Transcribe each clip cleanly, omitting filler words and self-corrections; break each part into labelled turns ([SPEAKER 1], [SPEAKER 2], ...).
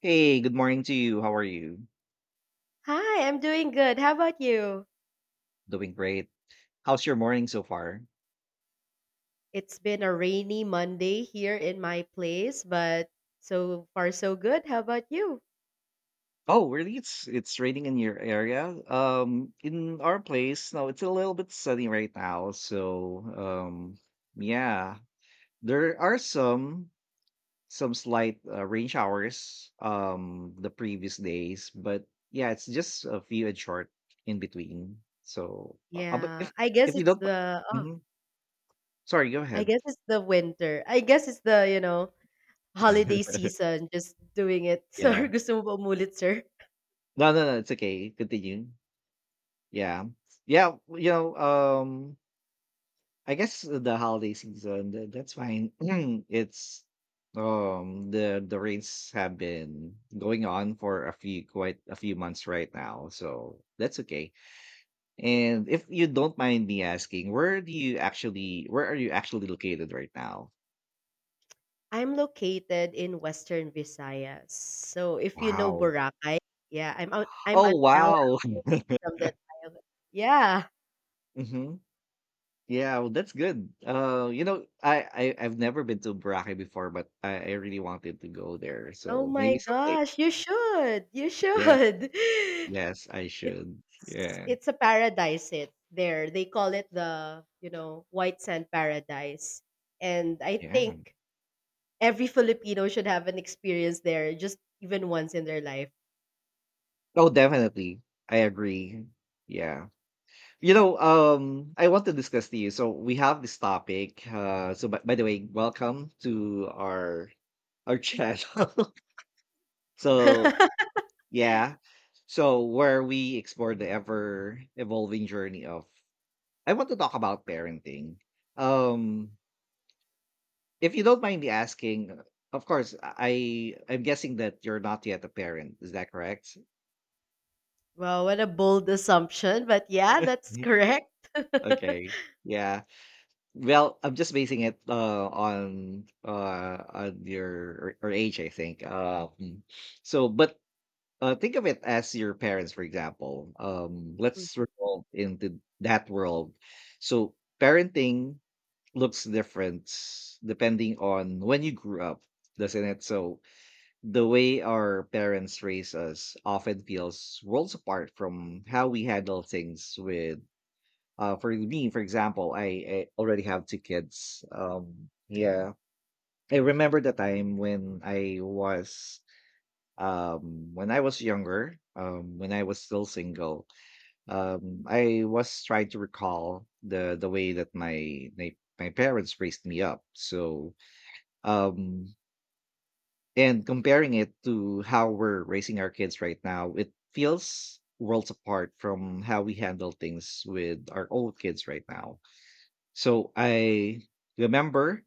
[SPEAKER 1] Hey, good morning to you. How are you?
[SPEAKER 2] Hi, I'm doing good. How about you?
[SPEAKER 1] Doing great. How's your morning so far?
[SPEAKER 2] It's been a rainy Monday here in my place, but so far so good. How about you?
[SPEAKER 1] Oh, really? It's raining in your area. In our place, no, it's a little bit sunny right now. So, yeah, there are some slight rain showers the previous days, but yeah, it's just a few and short in between. So, but
[SPEAKER 2] Yeah,
[SPEAKER 1] if if you don't— Mhm. Sorry, go
[SPEAKER 2] I
[SPEAKER 1] ahead.
[SPEAKER 2] guess it's the winter. I guess it's the holiday season just doing it. So
[SPEAKER 1] Yeah.
[SPEAKER 2] gusto mo ba umulit, sir?
[SPEAKER 1] No, no, no, it's okay. Continue. Yeah. Yeah, you know, um, I guess the holiday season, that's fine. It's, the rains have been going on for a few quite a few months right now, so that's okay. And if you don't mind me asking, where are you actually located right now?
[SPEAKER 2] I'm located in Western Visayas. So if you know
[SPEAKER 1] Wow.
[SPEAKER 2] Boracay, yeah, I'm an
[SPEAKER 1] Oh,
[SPEAKER 2] hour
[SPEAKER 1] wow.
[SPEAKER 2] away from the island. Yeah.
[SPEAKER 1] Mhm. Yeah, well, that's good. You know, I've never been to Boracay before, but I really wanted to go there,
[SPEAKER 2] Oh
[SPEAKER 1] so
[SPEAKER 2] my
[SPEAKER 1] maybe someday.
[SPEAKER 2] gosh, you should. You
[SPEAKER 1] Yes,
[SPEAKER 2] should.
[SPEAKER 1] yes, I should.
[SPEAKER 2] It's
[SPEAKER 1] Yeah,
[SPEAKER 2] it's a paradise it there. They call it the white sand paradise. And I
[SPEAKER 1] yeah.
[SPEAKER 2] think every Filipino should have an experience there just even once in their life.
[SPEAKER 1] Oh, definitely. I agree. Yeah. I want to discuss to you. So we have this topic. So by the way, welcome to our channel. so yeah, where we explore the ever evolving journey of— I want to talk about parenting. Um, if you don't mind me asking, of course, I'm guessing that you're not yet a parent. Is that correct?
[SPEAKER 2] Wow, what a bold assumption, but yeah, that's correct.
[SPEAKER 1] Okay. Yeah. Well, I'm just basing it on your or age, I think. So but Think of it as your parents, for example. Let's
[SPEAKER 2] Mhm.
[SPEAKER 1] revolve into that world. So parenting looks different depending on when you grew up, doesn't it? So the way our parents raise us often feels worlds apart from how we handle things with— For me, for example, I already have two kids. Yeah, I remember the time when I was— when I was younger, when I was still single. I was trying to recall the way that my parents raised me up. So um and comparing it to how we're raising our kids right now, it feels worlds apart from how we handle things with our old kids right now. So I remember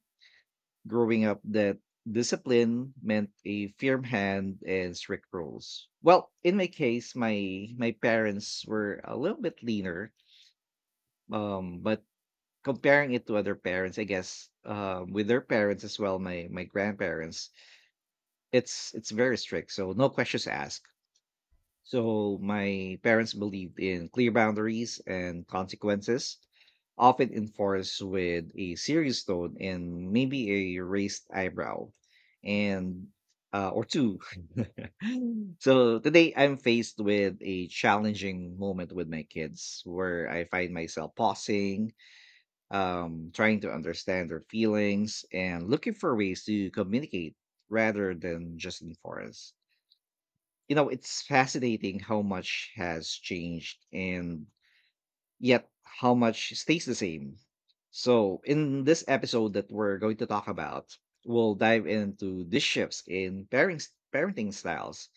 [SPEAKER 1] growing up that discipline meant a firm hand and strict rules. Well, in my case, my parents were a little bit leaner, but comparing it to other parents, I guess with their parents as well, my grandparents, it's very strict. So no questions asked. So my parents believed in clear boundaries and consequences, often enforced with a serious tone and maybe a raised eyebrow, and or two. So today I'm faced with a challenging moment with my kids, where I find myself pausing, trying to understand their feelings, and looking for ways to communicate rather than just enforce. You know, it's fascinating how much has changed and yet how much stays the same. So in this episode that we're going to talk about, we'll dive into these shifts in pairing parenting styles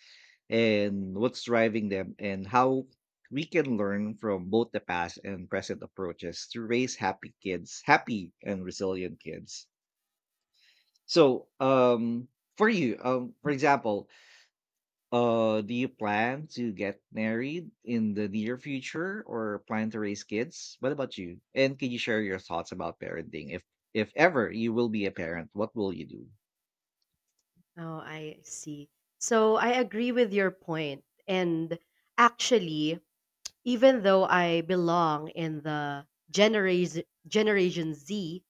[SPEAKER 1] and what's driving them, and how we can learn from both the past and present approaches to raise happy and resilient kids. So for you, for example, do you plan to get married in the near future or plan to raise kids? What about you? And can you share your thoughts about parenting? If ever you will be a parent, what will you do?
[SPEAKER 2] Oh, I see. So I agree with your point. And actually, even though I belong in the generation Z,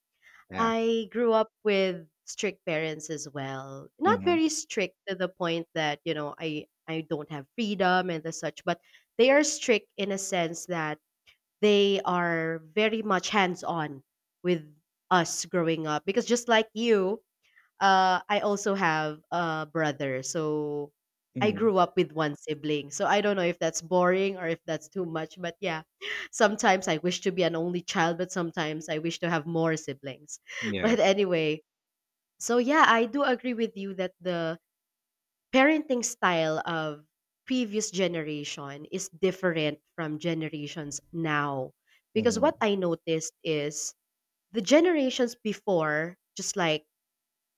[SPEAKER 1] Yeah.
[SPEAKER 2] I grew up with strict parents as well. Not
[SPEAKER 1] Mm-hmm.
[SPEAKER 2] very strict to the point that I don't have freedom and the such, but they are strict in a sense that they are very much hands-on with us growing up because just like you, I also have a brother. So I
[SPEAKER 1] Mm-hmm.
[SPEAKER 2] grew up with one sibling. So I don't know if that's boring or if that's too much. But yeah, sometimes I wish to be an only child, but sometimes I wish to have more siblings.
[SPEAKER 1] Yeah.
[SPEAKER 2] But anyway, so yeah, I do agree with you that the parenting style of previous generation is different from generations now because
[SPEAKER 1] Mm-hmm.
[SPEAKER 2] what I noticed is the generations before, just like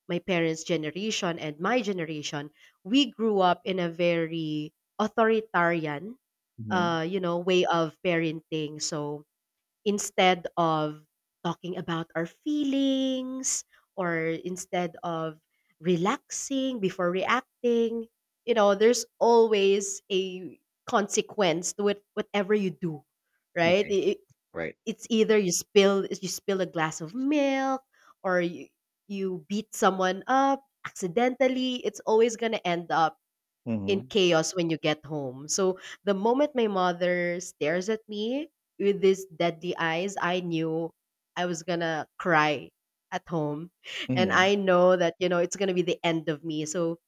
[SPEAKER 2] my parents' generation and my generation, we grew up in a very authoritarian,
[SPEAKER 1] Mm-hmm.
[SPEAKER 2] way of parenting. So instead of talking about our feelings or instead of relaxing, before reacting, you know, there's always a consequence to it, whatever you do, right?
[SPEAKER 1] Okay. Right.
[SPEAKER 2] It's either you spill a glass of milk, or you beat someone up accidentally. It's always going to end up in
[SPEAKER 1] Mm-hmm.
[SPEAKER 2] chaos when you get home. So the moment my mother stares at me with these deadly eyes, I knew I was gonna cry at home. And
[SPEAKER 1] Mm-hmm.
[SPEAKER 2] I know that it's gonna be the end of me. So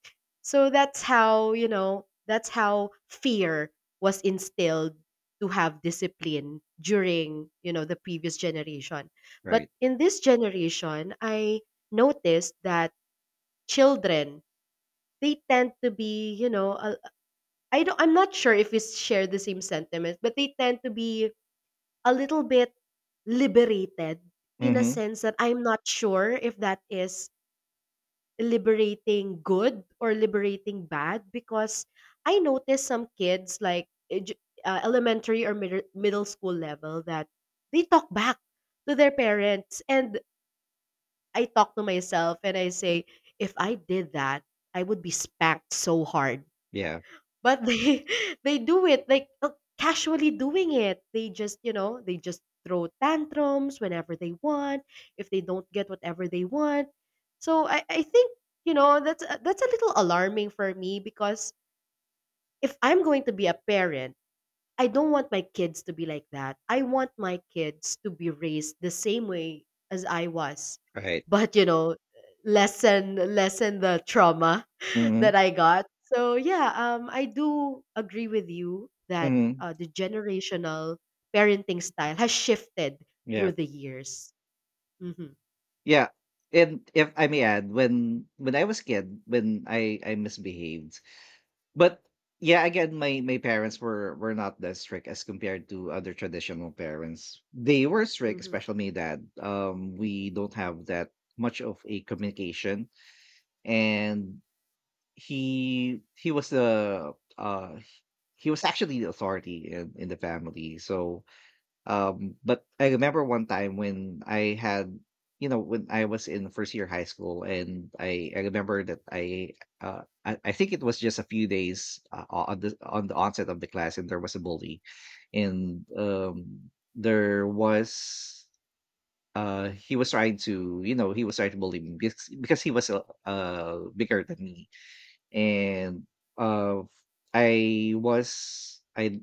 [SPEAKER 2] that's how, that's how fear was instilled to have discipline during, the previous generation. But
[SPEAKER 1] Right.
[SPEAKER 2] in this generation, I noticed that children, they tend to be, you know, a, I don't I'm not sure if we share the same sentiments, but they tend to be a little bit liberated, in a
[SPEAKER 1] Mm-hmm.
[SPEAKER 2] sense that I'm not sure if that is liberating good or liberating bad, because I noticed some kids like elementary or middle school level, that they talk back to their parents. And I talk to myself and I say, if I did that, I would be spanked so hard.
[SPEAKER 1] Yeah.
[SPEAKER 2] But they they do it like, casually doing it. They just throw tantrums whenever they want, if they don't get whatever they want. So I think, that's a little alarming for me, because if I'm going to be a parent, I don't want my kids to be like that. I want my kids to be raised the same way as I was,
[SPEAKER 1] Right.
[SPEAKER 2] but lessen the trauma
[SPEAKER 1] Mm-hmm.
[SPEAKER 2] that I got. So yeah, I do agree with you that,
[SPEAKER 1] Mm-hmm.
[SPEAKER 2] the generational parenting style has shifted
[SPEAKER 1] Yeah.
[SPEAKER 2] through the years. Hmm.
[SPEAKER 1] Yeah. And if I may add, when I was kid, when I misbehaved— But yeah, again, my parents were not that strict as compared to other traditional parents. They were strict,
[SPEAKER 2] Hmm.
[SPEAKER 1] especially my dad. We don't have that much of a communication, and he was the— uh he was actually the authority in the family. So but I remember one time when I had, you know, when I was in first year high school, and I remember that I think it was just a few days on the onset of the class, and there was a bully, and there was— he was trying to, you know, he was trying to bully me because he was uh, bigger than me, and uh, I was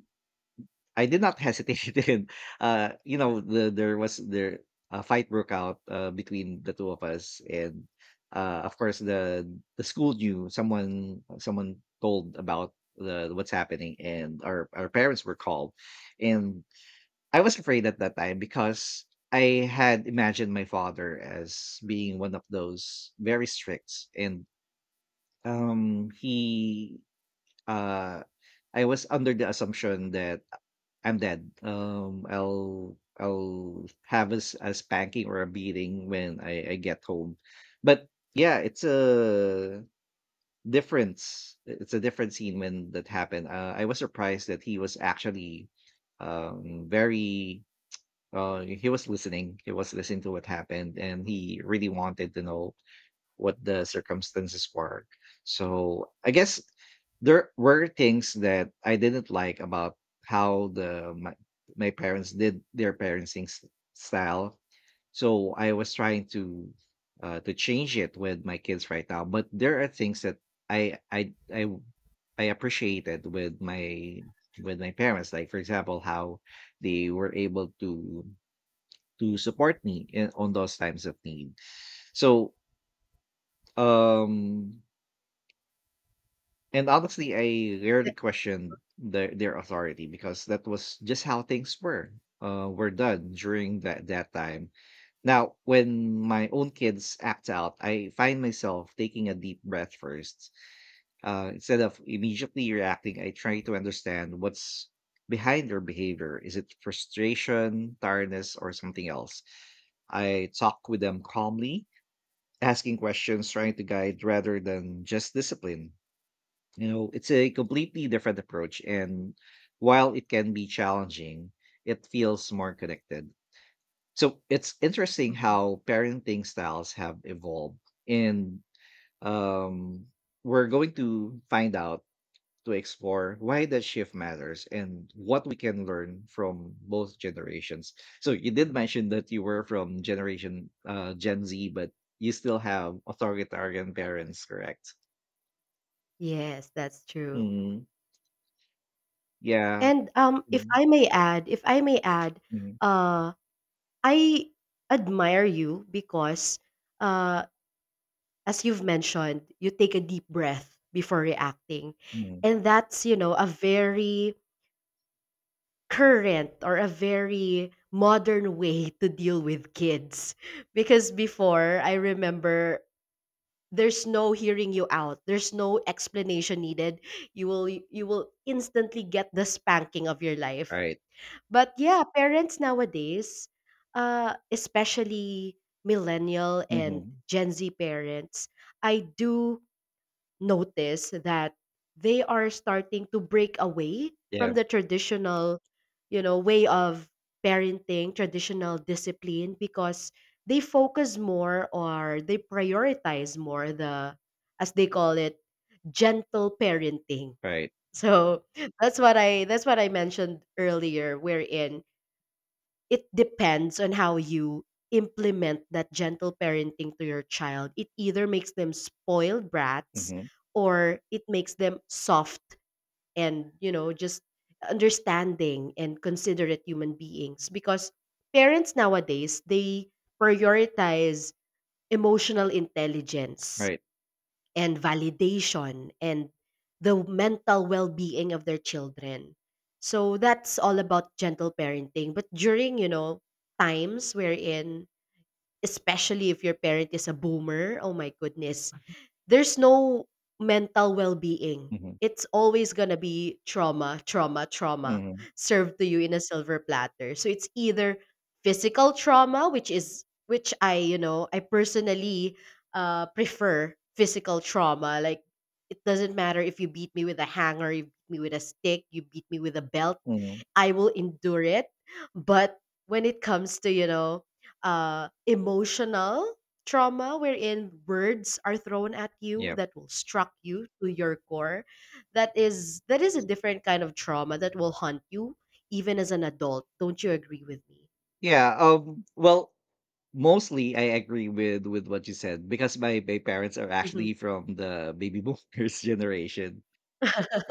[SPEAKER 1] I did not hesitate in— you know, there was there a fight broke out between the two of us, and of course the school knew, someone told about the what's happening, and our parents were called, and I was afraid at that time because I had imagined my father as being one of those very strict, and he uh I was under the assumption that I'm dead. I'll have a— a spanking or a beating when I get home. But yeah, it's a— difference. It's a different scene when that happened. I was surprised that he was actually very— he was listening. He was listening to what happened, and he really wanted to know what the circumstances were. So I guess there were things that I didn't like about how the my, my parents did their style. So I was trying to change it with my kids right now. But there are things that I I I I appreciated with my parents. Like for example, how they were able to support me in, on those times of need. So um and honestly, I rarely questioned their authority, because that was just how things were done during that time. Now, when my own kids act out, I find myself taking a deep breath first. Instead of immediately reacting, I try to understand what's behind their behavior. Is it frustration, tiredness, or something else? I talk with them calmly, asking questions, trying to guide rather than just discipline. You know, it's a completely different approach. And while it can be challenging, it feels more connected. So it's interesting
[SPEAKER 2] Hmm.
[SPEAKER 1] how parenting styles have evolved. And um, we're going to find out— to explore why that shift matters and what we can learn from both generations. So you did mention that you were from generation Gen Z, but you still have authoritarian parents, correct?
[SPEAKER 2] Yes, that's true.
[SPEAKER 1] Mm, yeah.
[SPEAKER 2] And if I may add,
[SPEAKER 1] Mm,
[SPEAKER 2] uh, I admire you because, uh, as you've mentioned, you take a deep breath before reacting,
[SPEAKER 1] Mhm.
[SPEAKER 2] and that's a very current or a very modern way to deal with kids, because before, I remember, there's no hearing you out, there's no explanation needed, you will instantly get the spanking of your life.
[SPEAKER 1] Right.
[SPEAKER 2] But yeah, parents nowadays, especially millennial and
[SPEAKER 1] Mhm.
[SPEAKER 2] Gen Z parents, I do notice that they are starting to break away
[SPEAKER 1] Yeah.
[SPEAKER 2] from the traditional way of parenting, traditional discipline, because they focus more or they prioritize more, the, as they call it, gentle parenting.
[SPEAKER 1] Right.
[SPEAKER 2] So that's what I mentioned earlier, wherein it depends on how you implement that gentle parenting to your child. It either makes them spoiled brats
[SPEAKER 1] Mhm.
[SPEAKER 2] or it makes them soft and, just understanding and considerate human beings, because parents nowadays, they prioritize emotional intelligence
[SPEAKER 1] Right.
[SPEAKER 2] and validation and the mental well-being of their children. So that's all about gentle parenting. But during, times wherein, especially if your parent is a boomer, oh my goodness, there's no mental well-being,
[SPEAKER 1] Mhm.
[SPEAKER 2] it's always going to be trauma, trauma, trauma
[SPEAKER 1] Mhm.
[SPEAKER 2] served to you in a silver platter. So it's either physical trauma, which is which I you know I personally, prefer physical trauma. Like, it doesn't matter if you beat me with a hanger, you beat me with a stick, you beat me with a belt,
[SPEAKER 1] Mhm.
[SPEAKER 2] I will endure it. But when it comes to, emotional trauma wherein words are thrown at you
[SPEAKER 1] Yeah.
[SPEAKER 2] that will struck you to your core, that is a different kind of trauma that will haunt you even as an adult. Don't you agree with me?
[SPEAKER 1] Yeah. Well, mostly I agree with what you said, because my parents are
[SPEAKER 2] Mhm.
[SPEAKER 1] actually from the baby boomers generation.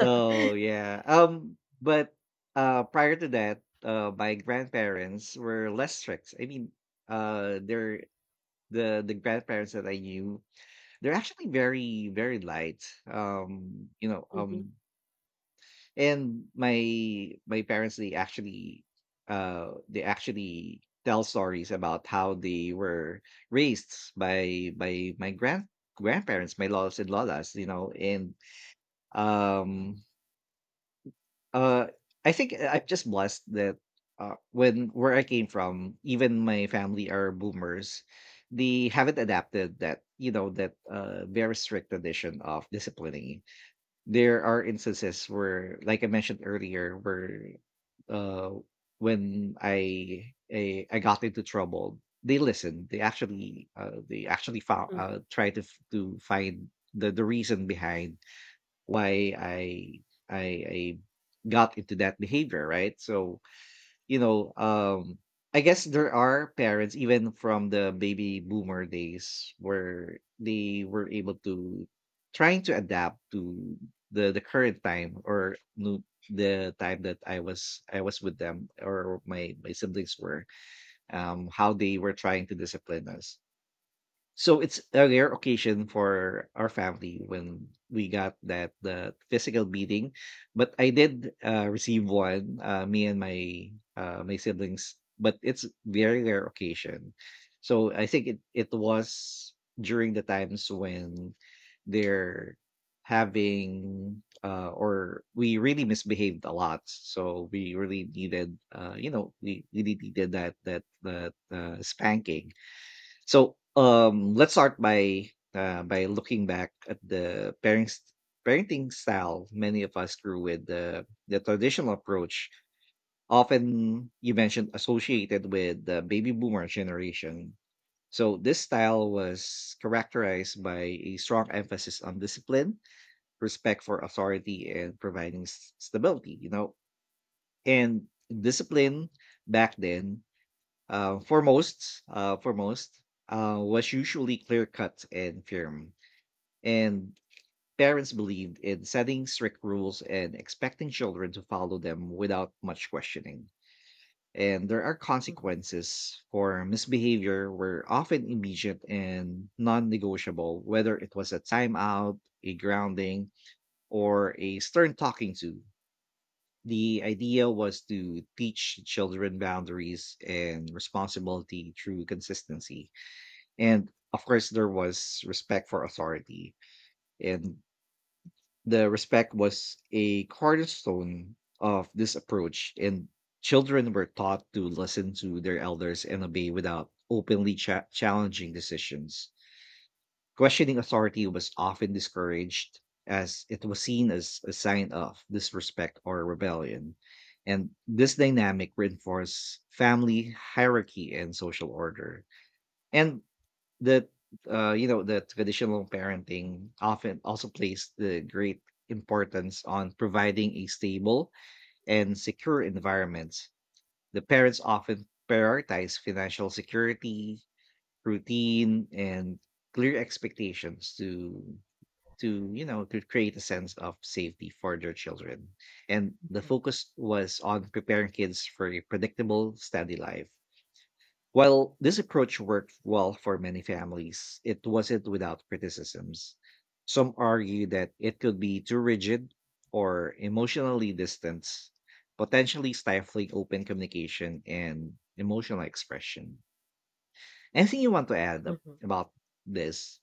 [SPEAKER 1] So yeah. But prior to that, my grandparents were less strict. I mean, they're— the grandparents that I knew. They're actually very light. You know.
[SPEAKER 2] Mhm,
[SPEAKER 1] And my parents, they actually tell stories about how they were raised by my grandparents, my lolas and lolas, you know, and um uh I think I'm just blessed that when— where I came from, even my family are boomers. They haven't adapted that, you know, that very strict tradition of disciplining. There are instances where, like I mentioned earlier, where uh, when I got into trouble, they listened. They actually found—
[SPEAKER 2] mhm,
[SPEAKER 1] tried to to find the reason behind why I I got into that behavior, right? So you know, I guess there are parents even from the baby boomer days where they were able to— trying to adapt to the current time, or no, the time that I was with them, or my siblings were— how they were trying to discipline us. So it's a rare occasion for our family when we got that the physical beating, but I did receive one. Me and my siblings, but it's very rare occasion. So I think it was during the times when they're having— or we really misbehaved a lot. So we really needed— you know, we really needed that spanking. So let's start by looking back at the parenting style many of us grew with: the traditional approach, often, you mentioned, associated with the baby boomer generation. So this style was characterized by a strong emphasis on discipline, respect for authority, and providing stability. You know, and discipline back then, for most, was usually clear cut and firm, and parents believed in setting strict rules and expecting children to follow them without much questioning. And there are
[SPEAKER 2] mhm,
[SPEAKER 1] consequences for misbehavior were often immediate and non-negotiable, whether it was a timeout, a grounding, or a stern talking to. The idea was to teach children boundaries and responsibility through consistency, and of course there was respect for authority. And the respect was a cornerstone of this approach, and children were taught to listen to their elders and obey without openly challenging decisions. Questioning authority was often discouraged, as it was seen as a sign of disrespect or rebellion, and this dynamic reinforced family hierarchy and social order. And that you know that traditional parenting often also plays the great importance on providing a stable and secure environment. The parents often prioritize financial security, routine, and clear expectations to to create a sense of safety for their children. And the
[SPEAKER 2] mhm,
[SPEAKER 1] focus was on preparing kids for a predictable, steady life. While this approach worked well for many families, it wasn't without criticisms. Some argue that it could be too rigid or emotionally distant, potentially stifling open communication and emotional expression. Anything you want to add
[SPEAKER 2] mhm.
[SPEAKER 1] about this?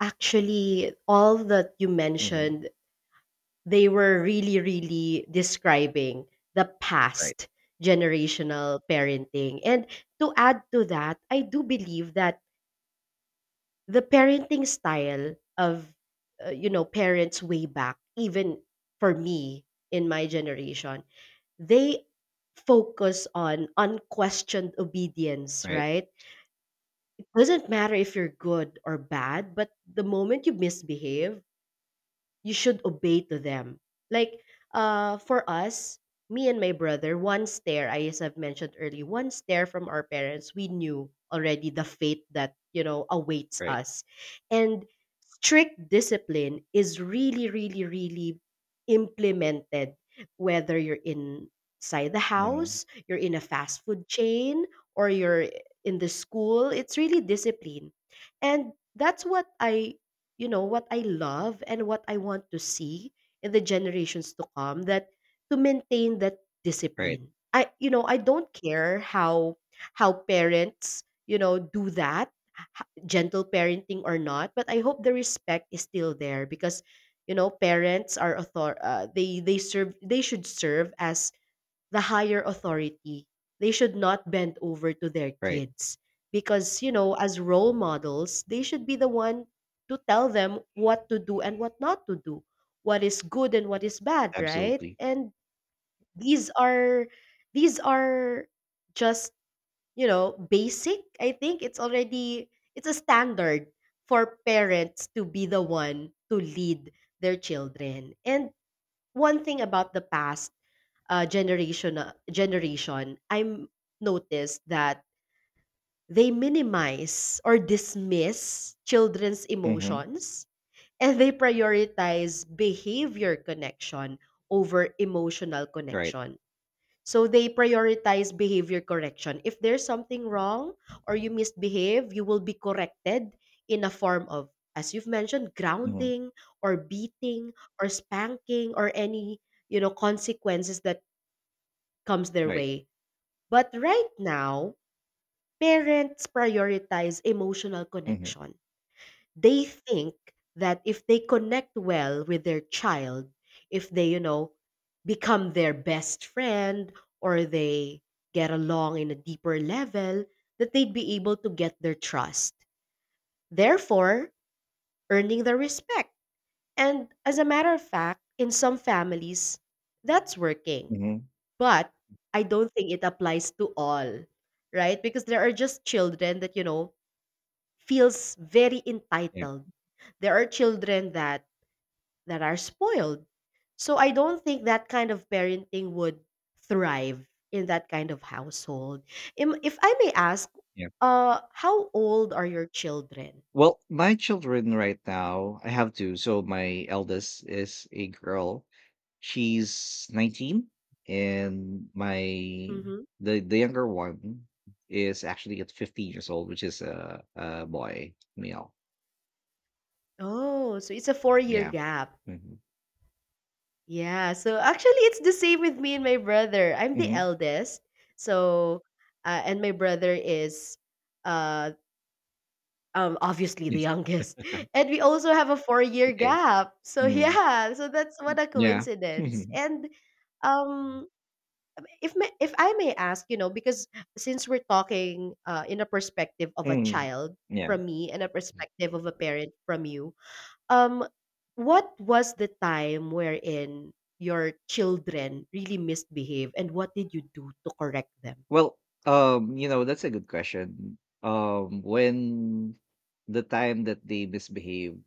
[SPEAKER 2] Actually, all that you
[SPEAKER 1] Hmm.
[SPEAKER 2] mentioned, they were really, really describing the
[SPEAKER 1] Right,
[SPEAKER 2] past generational parenting. And to add to that, I do believe that the parenting style of, parents way back, even for me in my generation, they focus on unquestioned obedience,
[SPEAKER 1] right,
[SPEAKER 2] right? It doesn't matter if you're good or bad, but the moment you misbehave, you should obey to them. Like, for us, me and my brother, one stare, I as I've mentioned earlier, one stare from our parents, we knew already the fate that awaits
[SPEAKER 1] right.
[SPEAKER 2] us. And strict discipline is really, really, really implemented, whether you're inside the
[SPEAKER 1] Hmm.
[SPEAKER 2] house, you're in a fast food chain, or you're in the school. It's really discipline. And that's what I love and what I want to see in the generations to come, that to maintain that
[SPEAKER 1] Right,
[SPEAKER 2] discipline. I you know I don't care how parents, do that, gentle parenting or not, but I hope the respect is still there. Because, you know, parents are author they serve they should serve as the higher authority. They should not bend over to their
[SPEAKER 1] right.
[SPEAKER 2] kids because, as role models, they should be the one to tell them what to do and what not to do, what is good and what is bad, right?
[SPEAKER 1] Absolutely.
[SPEAKER 2] And these are these are just basic. I think it's already it's a standard for parents to be the one to lead their children. And one thing about the past generation I'm noticed, that they minimize or dismiss children's
[SPEAKER 1] Hmm.
[SPEAKER 2] emotions, and they prioritize behavior connection over emotional
[SPEAKER 1] Right.
[SPEAKER 2] connection. So they prioritize behavior correction. If there's something wrong or you misbehave, you will be corrected in a form of, as you've mentioned,
[SPEAKER 1] Hmm.
[SPEAKER 2] grounding or beating or spanking, or any consequences that comes their
[SPEAKER 1] Right.
[SPEAKER 2] way. But right now, parents prioritize emotional
[SPEAKER 1] Hmm.
[SPEAKER 2] connection. They think that if they connect well with their child, if they become their best friend, or they get along in a deeper level, that they'd be able to get their trust, therefore earning their respect. And as a matter of fact, in some families, that's working.
[SPEAKER 1] Hmm.
[SPEAKER 2] But I don't think it applies to all, right? Because there are just children that feels very
[SPEAKER 1] Yeah,
[SPEAKER 2] entitled. There are children that are spoiled. So I don't think that kind of parenting would thrive in that kind of household. If I may ask,
[SPEAKER 1] yeah.
[SPEAKER 2] how old are your children?
[SPEAKER 1] Well, my children right now, I have two. So my eldest is a girl. She's 19, and my
[SPEAKER 2] Hmm.
[SPEAKER 1] the younger one is actually at 15 years old, which is a boy, male.
[SPEAKER 2] Oh, so it's a four-year
[SPEAKER 1] Yeah.
[SPEAKER 2] gap.
[SPEAKER 1] Mm-hmm.
[SPEAKER 2] Yeah, so actually it's the same with me and my brother. I'm the
[SPEAKER 1] Mm-hmm.
[SPEAKER 2] eldest. So and my brother is uh obviously the
[SPEAKER 1] Yes.
[SPEAKER 2] youngest. And we also have a 4-year
[SPEAKER 1] Okay.
[SPEAKER 2] gap. So
[SPEAKER 1] Mm.
[SPEAKER 2] yeah, so that's what a
[SPEAKER 1] Yeah.
[SPEAKER 2] coincidence. And um if I may ask, you know, because since we're talking in a perspective of a
[SPEAKER 1] Mm.
[SPEAKER 2] child
[SPEAKER 1] Yeah.
[SPEAKER 2] from me and a perspective of a parent from you, um, what was the time wherein your children really misbehave, and what did you do to correct them?
[SPEAKER 1] Well, you know, that's a good question. When the time that they misbehave,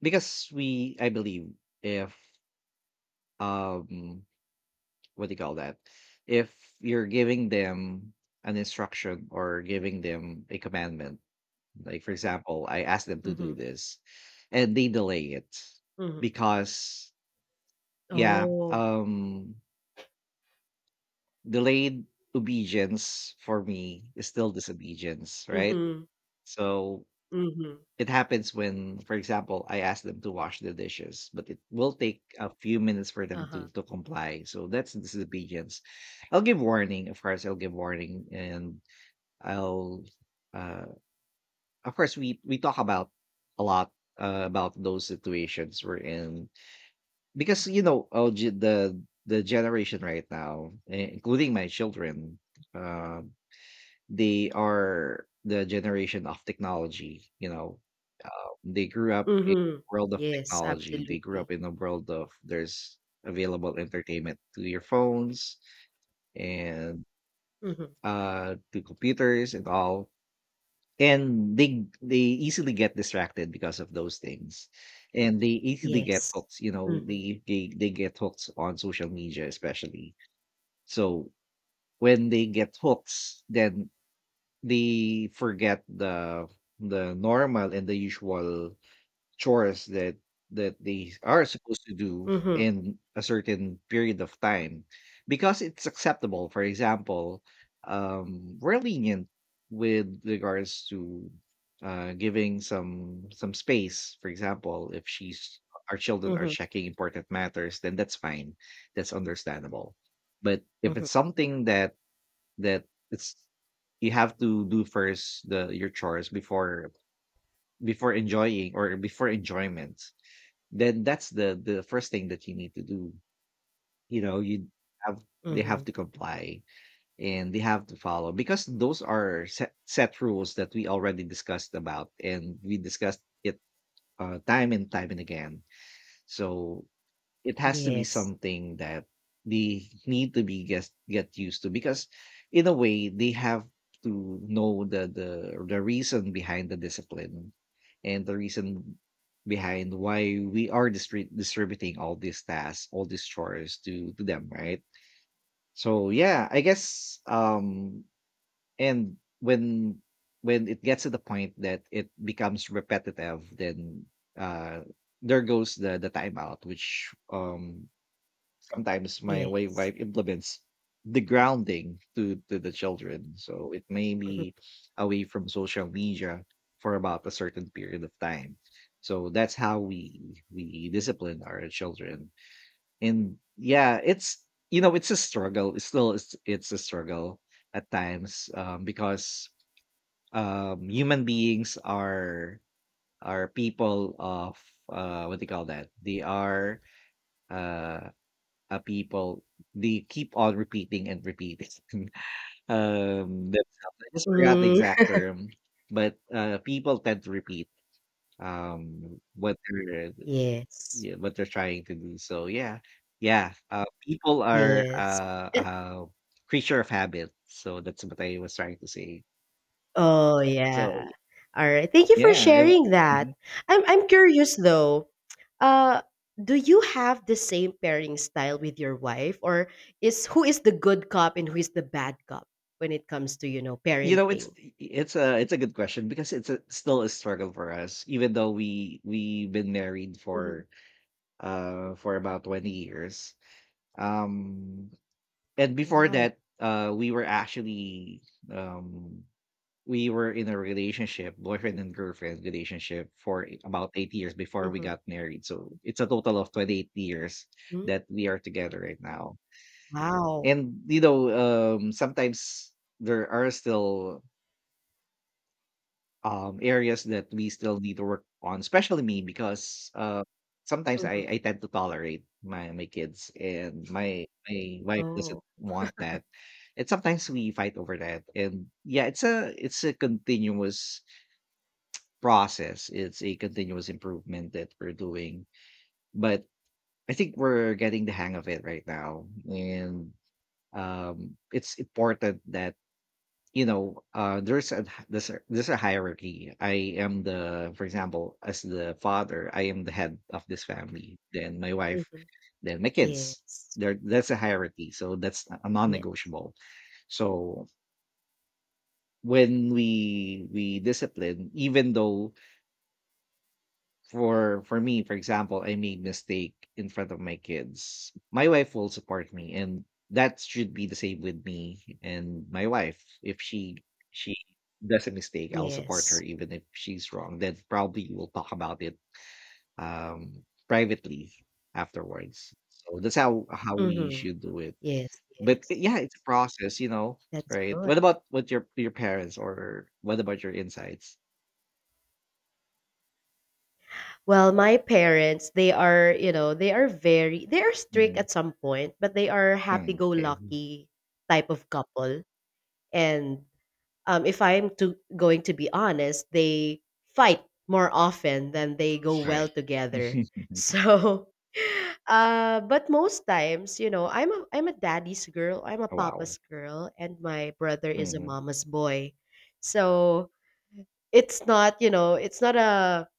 [SPEAKER 1] because we I believe if um what do you call that, if you're giving them an instruction or giving them a commandment, like for example I ask them to do
[SPEAKER 2] Mhm,
[SPEAKER 1] this, and they delay it
[SPEAKER 2] mhm.
[SPEAKER 1] because, yeah.
[SPEAKER 2] Oh.
[SPEAKER 1] Delayed obedience for me is still disobedience, right?
[SPEAKER 2] Mhm,
[SPEAKER 1] So
[SPEAKER 2] mhm.
[SPEAKER 1] it happens when, for example, I ask them to wash the dishes, but it will take a few minutes for them
[SPEAKER 2] Uh-huh.
[SPEAKER 1] to comply. So that's disobedience. I'll give warning, of course. I'll give warning, and I'll, uh, of course, we talk about a lot about those situations we're in, because you know, the generation right now, eh, including my children, uh, they are the generation of technology. You know, they grew up in
[SPEAKER 2] Mhm.
[SPEAKER 1] a world of
[SPEAKER 2] Yes,
[SPEAKER 1] technology. They grew
[SPEAKER 2] absolutely.
[SPEAKER 1] up in a world of there's available entertainment to your phones and
[SPEAKER 2] Mhm.
[SPEAKER 1] to computers and all. And they easily get distracted because of those things. And they easily get
[SPEAKER 2] Yes.
[SPEAKER 1] hooked, you know,
[SPEAKER 2] Mhm,
[SPEAKER 1] they get hooked on social media especially. So when they get hooked, then they forget the normal and the usual chores that that they are supposed to do
[SPEAKER 2] mhm,
[SPEAKER 1] in a certain period of time, because it's acceptable. For example, we're lenient with regards to giving some space. For example, if she's, our children are
[SPEAKER 2] mhm,
[SPEAKER 1] checking important matters, then that's fine, that's understandable. But if
[SPEAKER 2] mhm,
[SPEAKER 1] it's something that that it's, you have to do first the your chores before, before enjoying or before enjoyment, then that's the first thing that you need to do. You know, you have they have
[SPEAKER 2] mhm.
[SPEAKER 1] to comply and they have to follow, because those are set, set rules that we already discussed about, and we discussed it, time and time and again. So it has to be
[SPEAKER 2] Yes,
[SPEAKER 1] something that they need to be get used to, because in a way they have to know the reason behind the discipline, and the reason behind why we are distributing all these tasks, all these chores to them, right? So yeah, I guess, and when it gets to the point that it becomes repetitive, then uh there goes the timeout, which, sometimes my
[SPEAKER 2] yes.
[SPEAKER 1] wife implements the grounding to the children, so it may
[SPEAKER 2] Mhm.
[SPEAKER 1] be away from social media for about a certain period of time. So that's how we discipline our children. And yeah, it's, you know, it's a struggle, it's still it's a struggle at times, because human beings are people of, what do you call that, they are, uh, people, they keep on repeating and repeating themselves. I just forgot the
[SPEAKER 2] Mm.
[SPEAKER 1] exact term, but people tend to repeat what they're,
[SPEAKER 2] Yes,
[SPEAKER 1] yeah, what they're trying to do. So yeah, yeah, people are,
[SPEAKER 2] yes.
[SPEAKER 1] uh creature of habit. So that's what I was trying to say.
[SPEAKER 2] Oh,
[SPEAKER 1] So
[SPEAKER 2] yeah. All right. Thank you for
[SPEAKER 1] yeah, it,
[SPEAKER 2] sharing that.
[SPEAKER 1] mhm.
[SPEAKER 2] I'm curious though. Uh do you have the same pairing style with your wife? Or is, who is the good cop and who is the bad cop when it comes to,
[SPEAKER 1] You know, it's
[SPEAKER 2] parenting?
[SPEAKER 1] it's a it's a good question, because it's a, still a struggle for us, even though we've been married
[SPEAKER 2] Mhm.
[SPEAKER 1] for, for about 20 years. Um, and before
[SPEAKER 2] Wow.
[SPEAKER 1] that, we were actually, um, we were in a relationship, boyfriend and girlfriend relationship for about 8 years before we
[SPEAKER 2] Mhm.
[SPEAKER 1] got married. So it's a total of 28 years
[SPEAKER 2] Mm.
[SPEAKER 1] that we are together right now.
[SPEAKER 2] Wow.
[SPEAKER 1] And you know, sometimes there are still, areas that we still need to work on, especially me, because sometimes I,
[SPEAKER 2] Mhm.
[SPEAKER 1] I tend to tolerate my kids, and my wife doesn't
[SPEAKER 2] Oh.
[SPEAKER 1] want that, and sometimes we fight over that. And yeah, it's a continuous process. It's a continuous improvement that we're doing, but I think we're getting the hang of it right now. And it's important that, you know, there's a hierarchy. I am the, for example, as the father, I am the head of this family, then my wife,
[SPEAKER 2] Mhm.
[SPEAKER 1] then my kids.
[SPEAKER 2] Yes.
[SPEAKER 1] There, that's a hierarchy, so that's a
[SPEAKER 2] Yes.
[SPEAKER 1] non-negotiable. So when we discipline, even though, for me, for example, I made mistake in front of my kids, my wife will support me, and that should be the same with me and my wife. If she does a mistake, I'll support her
[SPEAKER 2] Yes.
[SPEAKER 1] even if she's wrong. Then probably we'll talk about it privately afterwards. So that's how we
[SPEAKER 2] Mhm.
[SPEAKER 1] should do it.
[SPEAKER 2] Yes,
[SPEAKER 1] But eh,
[SPEAKER 2] yes.
[SPEAKER 1] yeah, it's a process, you know,
[SPEAKER 2] That's
[SPEAKER 1] right?
[SPEAKER 2] good.
[SPEAKER 1] What about what your parents, or what about your insights?
[SPEAKER 2] Well, my parents, they are, you know, they are strict
[SPEAKER 1] Mhm.
[SPEAKER 2] at some point, but they are
[SPEAKER 1] Mm, okay.
[SPEAKER 2] happy-go-lucky type of couple. And if I'm to going to be honest, they fight more often than they go well
[SPEAKER 1] Right.
[SPEAKER 2] together. So, but most times, I'm a daddy's girl, I'm a
[SPEAKER 1] Wow.
[SPEAKER 2] papa's girl, and my brother is a
[SPEAKER 1] Mhm.
[SPEAKER 2] mama's boy. So it's not a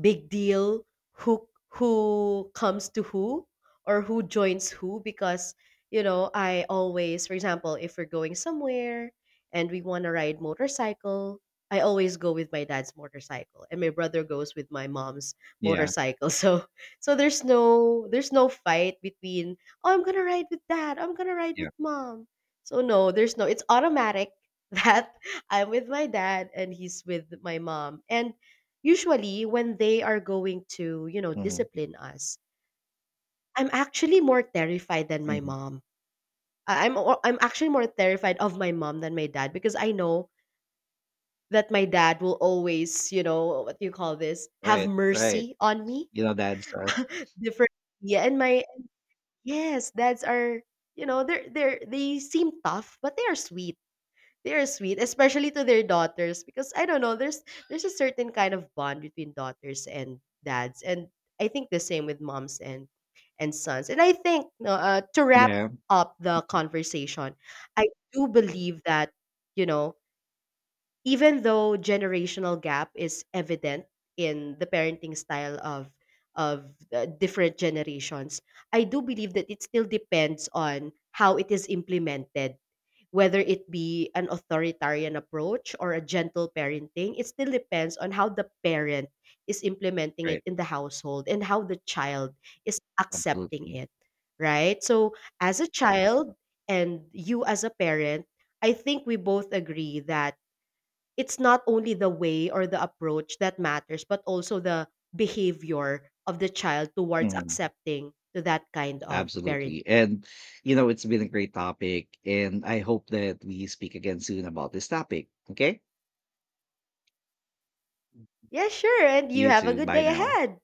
[SPEAKER 2] big deal who comes to who, or who joins who. Because, I always, for example, if we're going somewhere and we want to ride motorcycle, I always go with my dad's motorcycle, and my brother goes with my mom's
[SPEAKER 1] Yeah,
[SPEAKER 2] motorcycle. So there's no fight between, oh, I'm gonna ride with dad, I'm gonna ride
[SPEAKER 1] yeah.
[SPEAKER 2] with mom. So no, there's no it's automatic. That I'm with my dad and he's with my mom. And usually, when they are going to
[SPEAKER 1] Mhm.
[SPEAKER 2] discipline us, I'm actually more terrified than my
[SPEAKER 1] Mhm.
[SPEAKER 2] mom. I'm actually more terrified of my mom than my dad, because I know that my dad will always, you know, what do you call this, have
[SPEAKER 1] Right, right.
[SPEAKER 2] mercy on me.
[SPEAKER 1] You know, that stuff.
[SPEAKER 2] Different, yeah. And my yes, dads are, they seem tough, but they are sweet, they are sweet, especially to their daughters. Because I don't know, there's a certain kind of bond between daughters and dads, and I think the same with moms and sons. And I think, no, to wrap
[SPEAKER 1] Yeah,
[SPEAKER 2] up the conversation, I do believe that, you know, even though generational gap is evident in the parenting style of different generations, I do believe that it still depends on how it is implemented. Whether it be an authoritarian approach or a gentle parenting, it still depends on how the parent is implementing it
[SPEAKER 1] right.
[SPEAKER 2] in the household and how the child is accepting
[SPEAKER 1] Absolutely.
[SPEAKER 2] it, right? So as a child, and you as a parent, I think we both agree that it's not only the way or the approach that matters, but also the behavior of the child towards
[SPEAKER 1] Mhm.
[SPEAKER 2] accepting to that kind of
[SPEAKER 1] Absolutely.
[SPEAKER 2] parenting.
[SPEAKER 1] And, you know, it's been a great topic, and I hope that we speak again soon about this topic, okay?
[SPEAKER 2] Yeah, sure. And you
[SPEAKER 1] You
[SPEAKER 2] have a
[SPEAKER 1] too.
[SPEAKER 2] good
[SPEAKER 1] Bye
[SPEAKER 2] day
[SPEAKER 1] now.
[SPEAKER 2] ahead.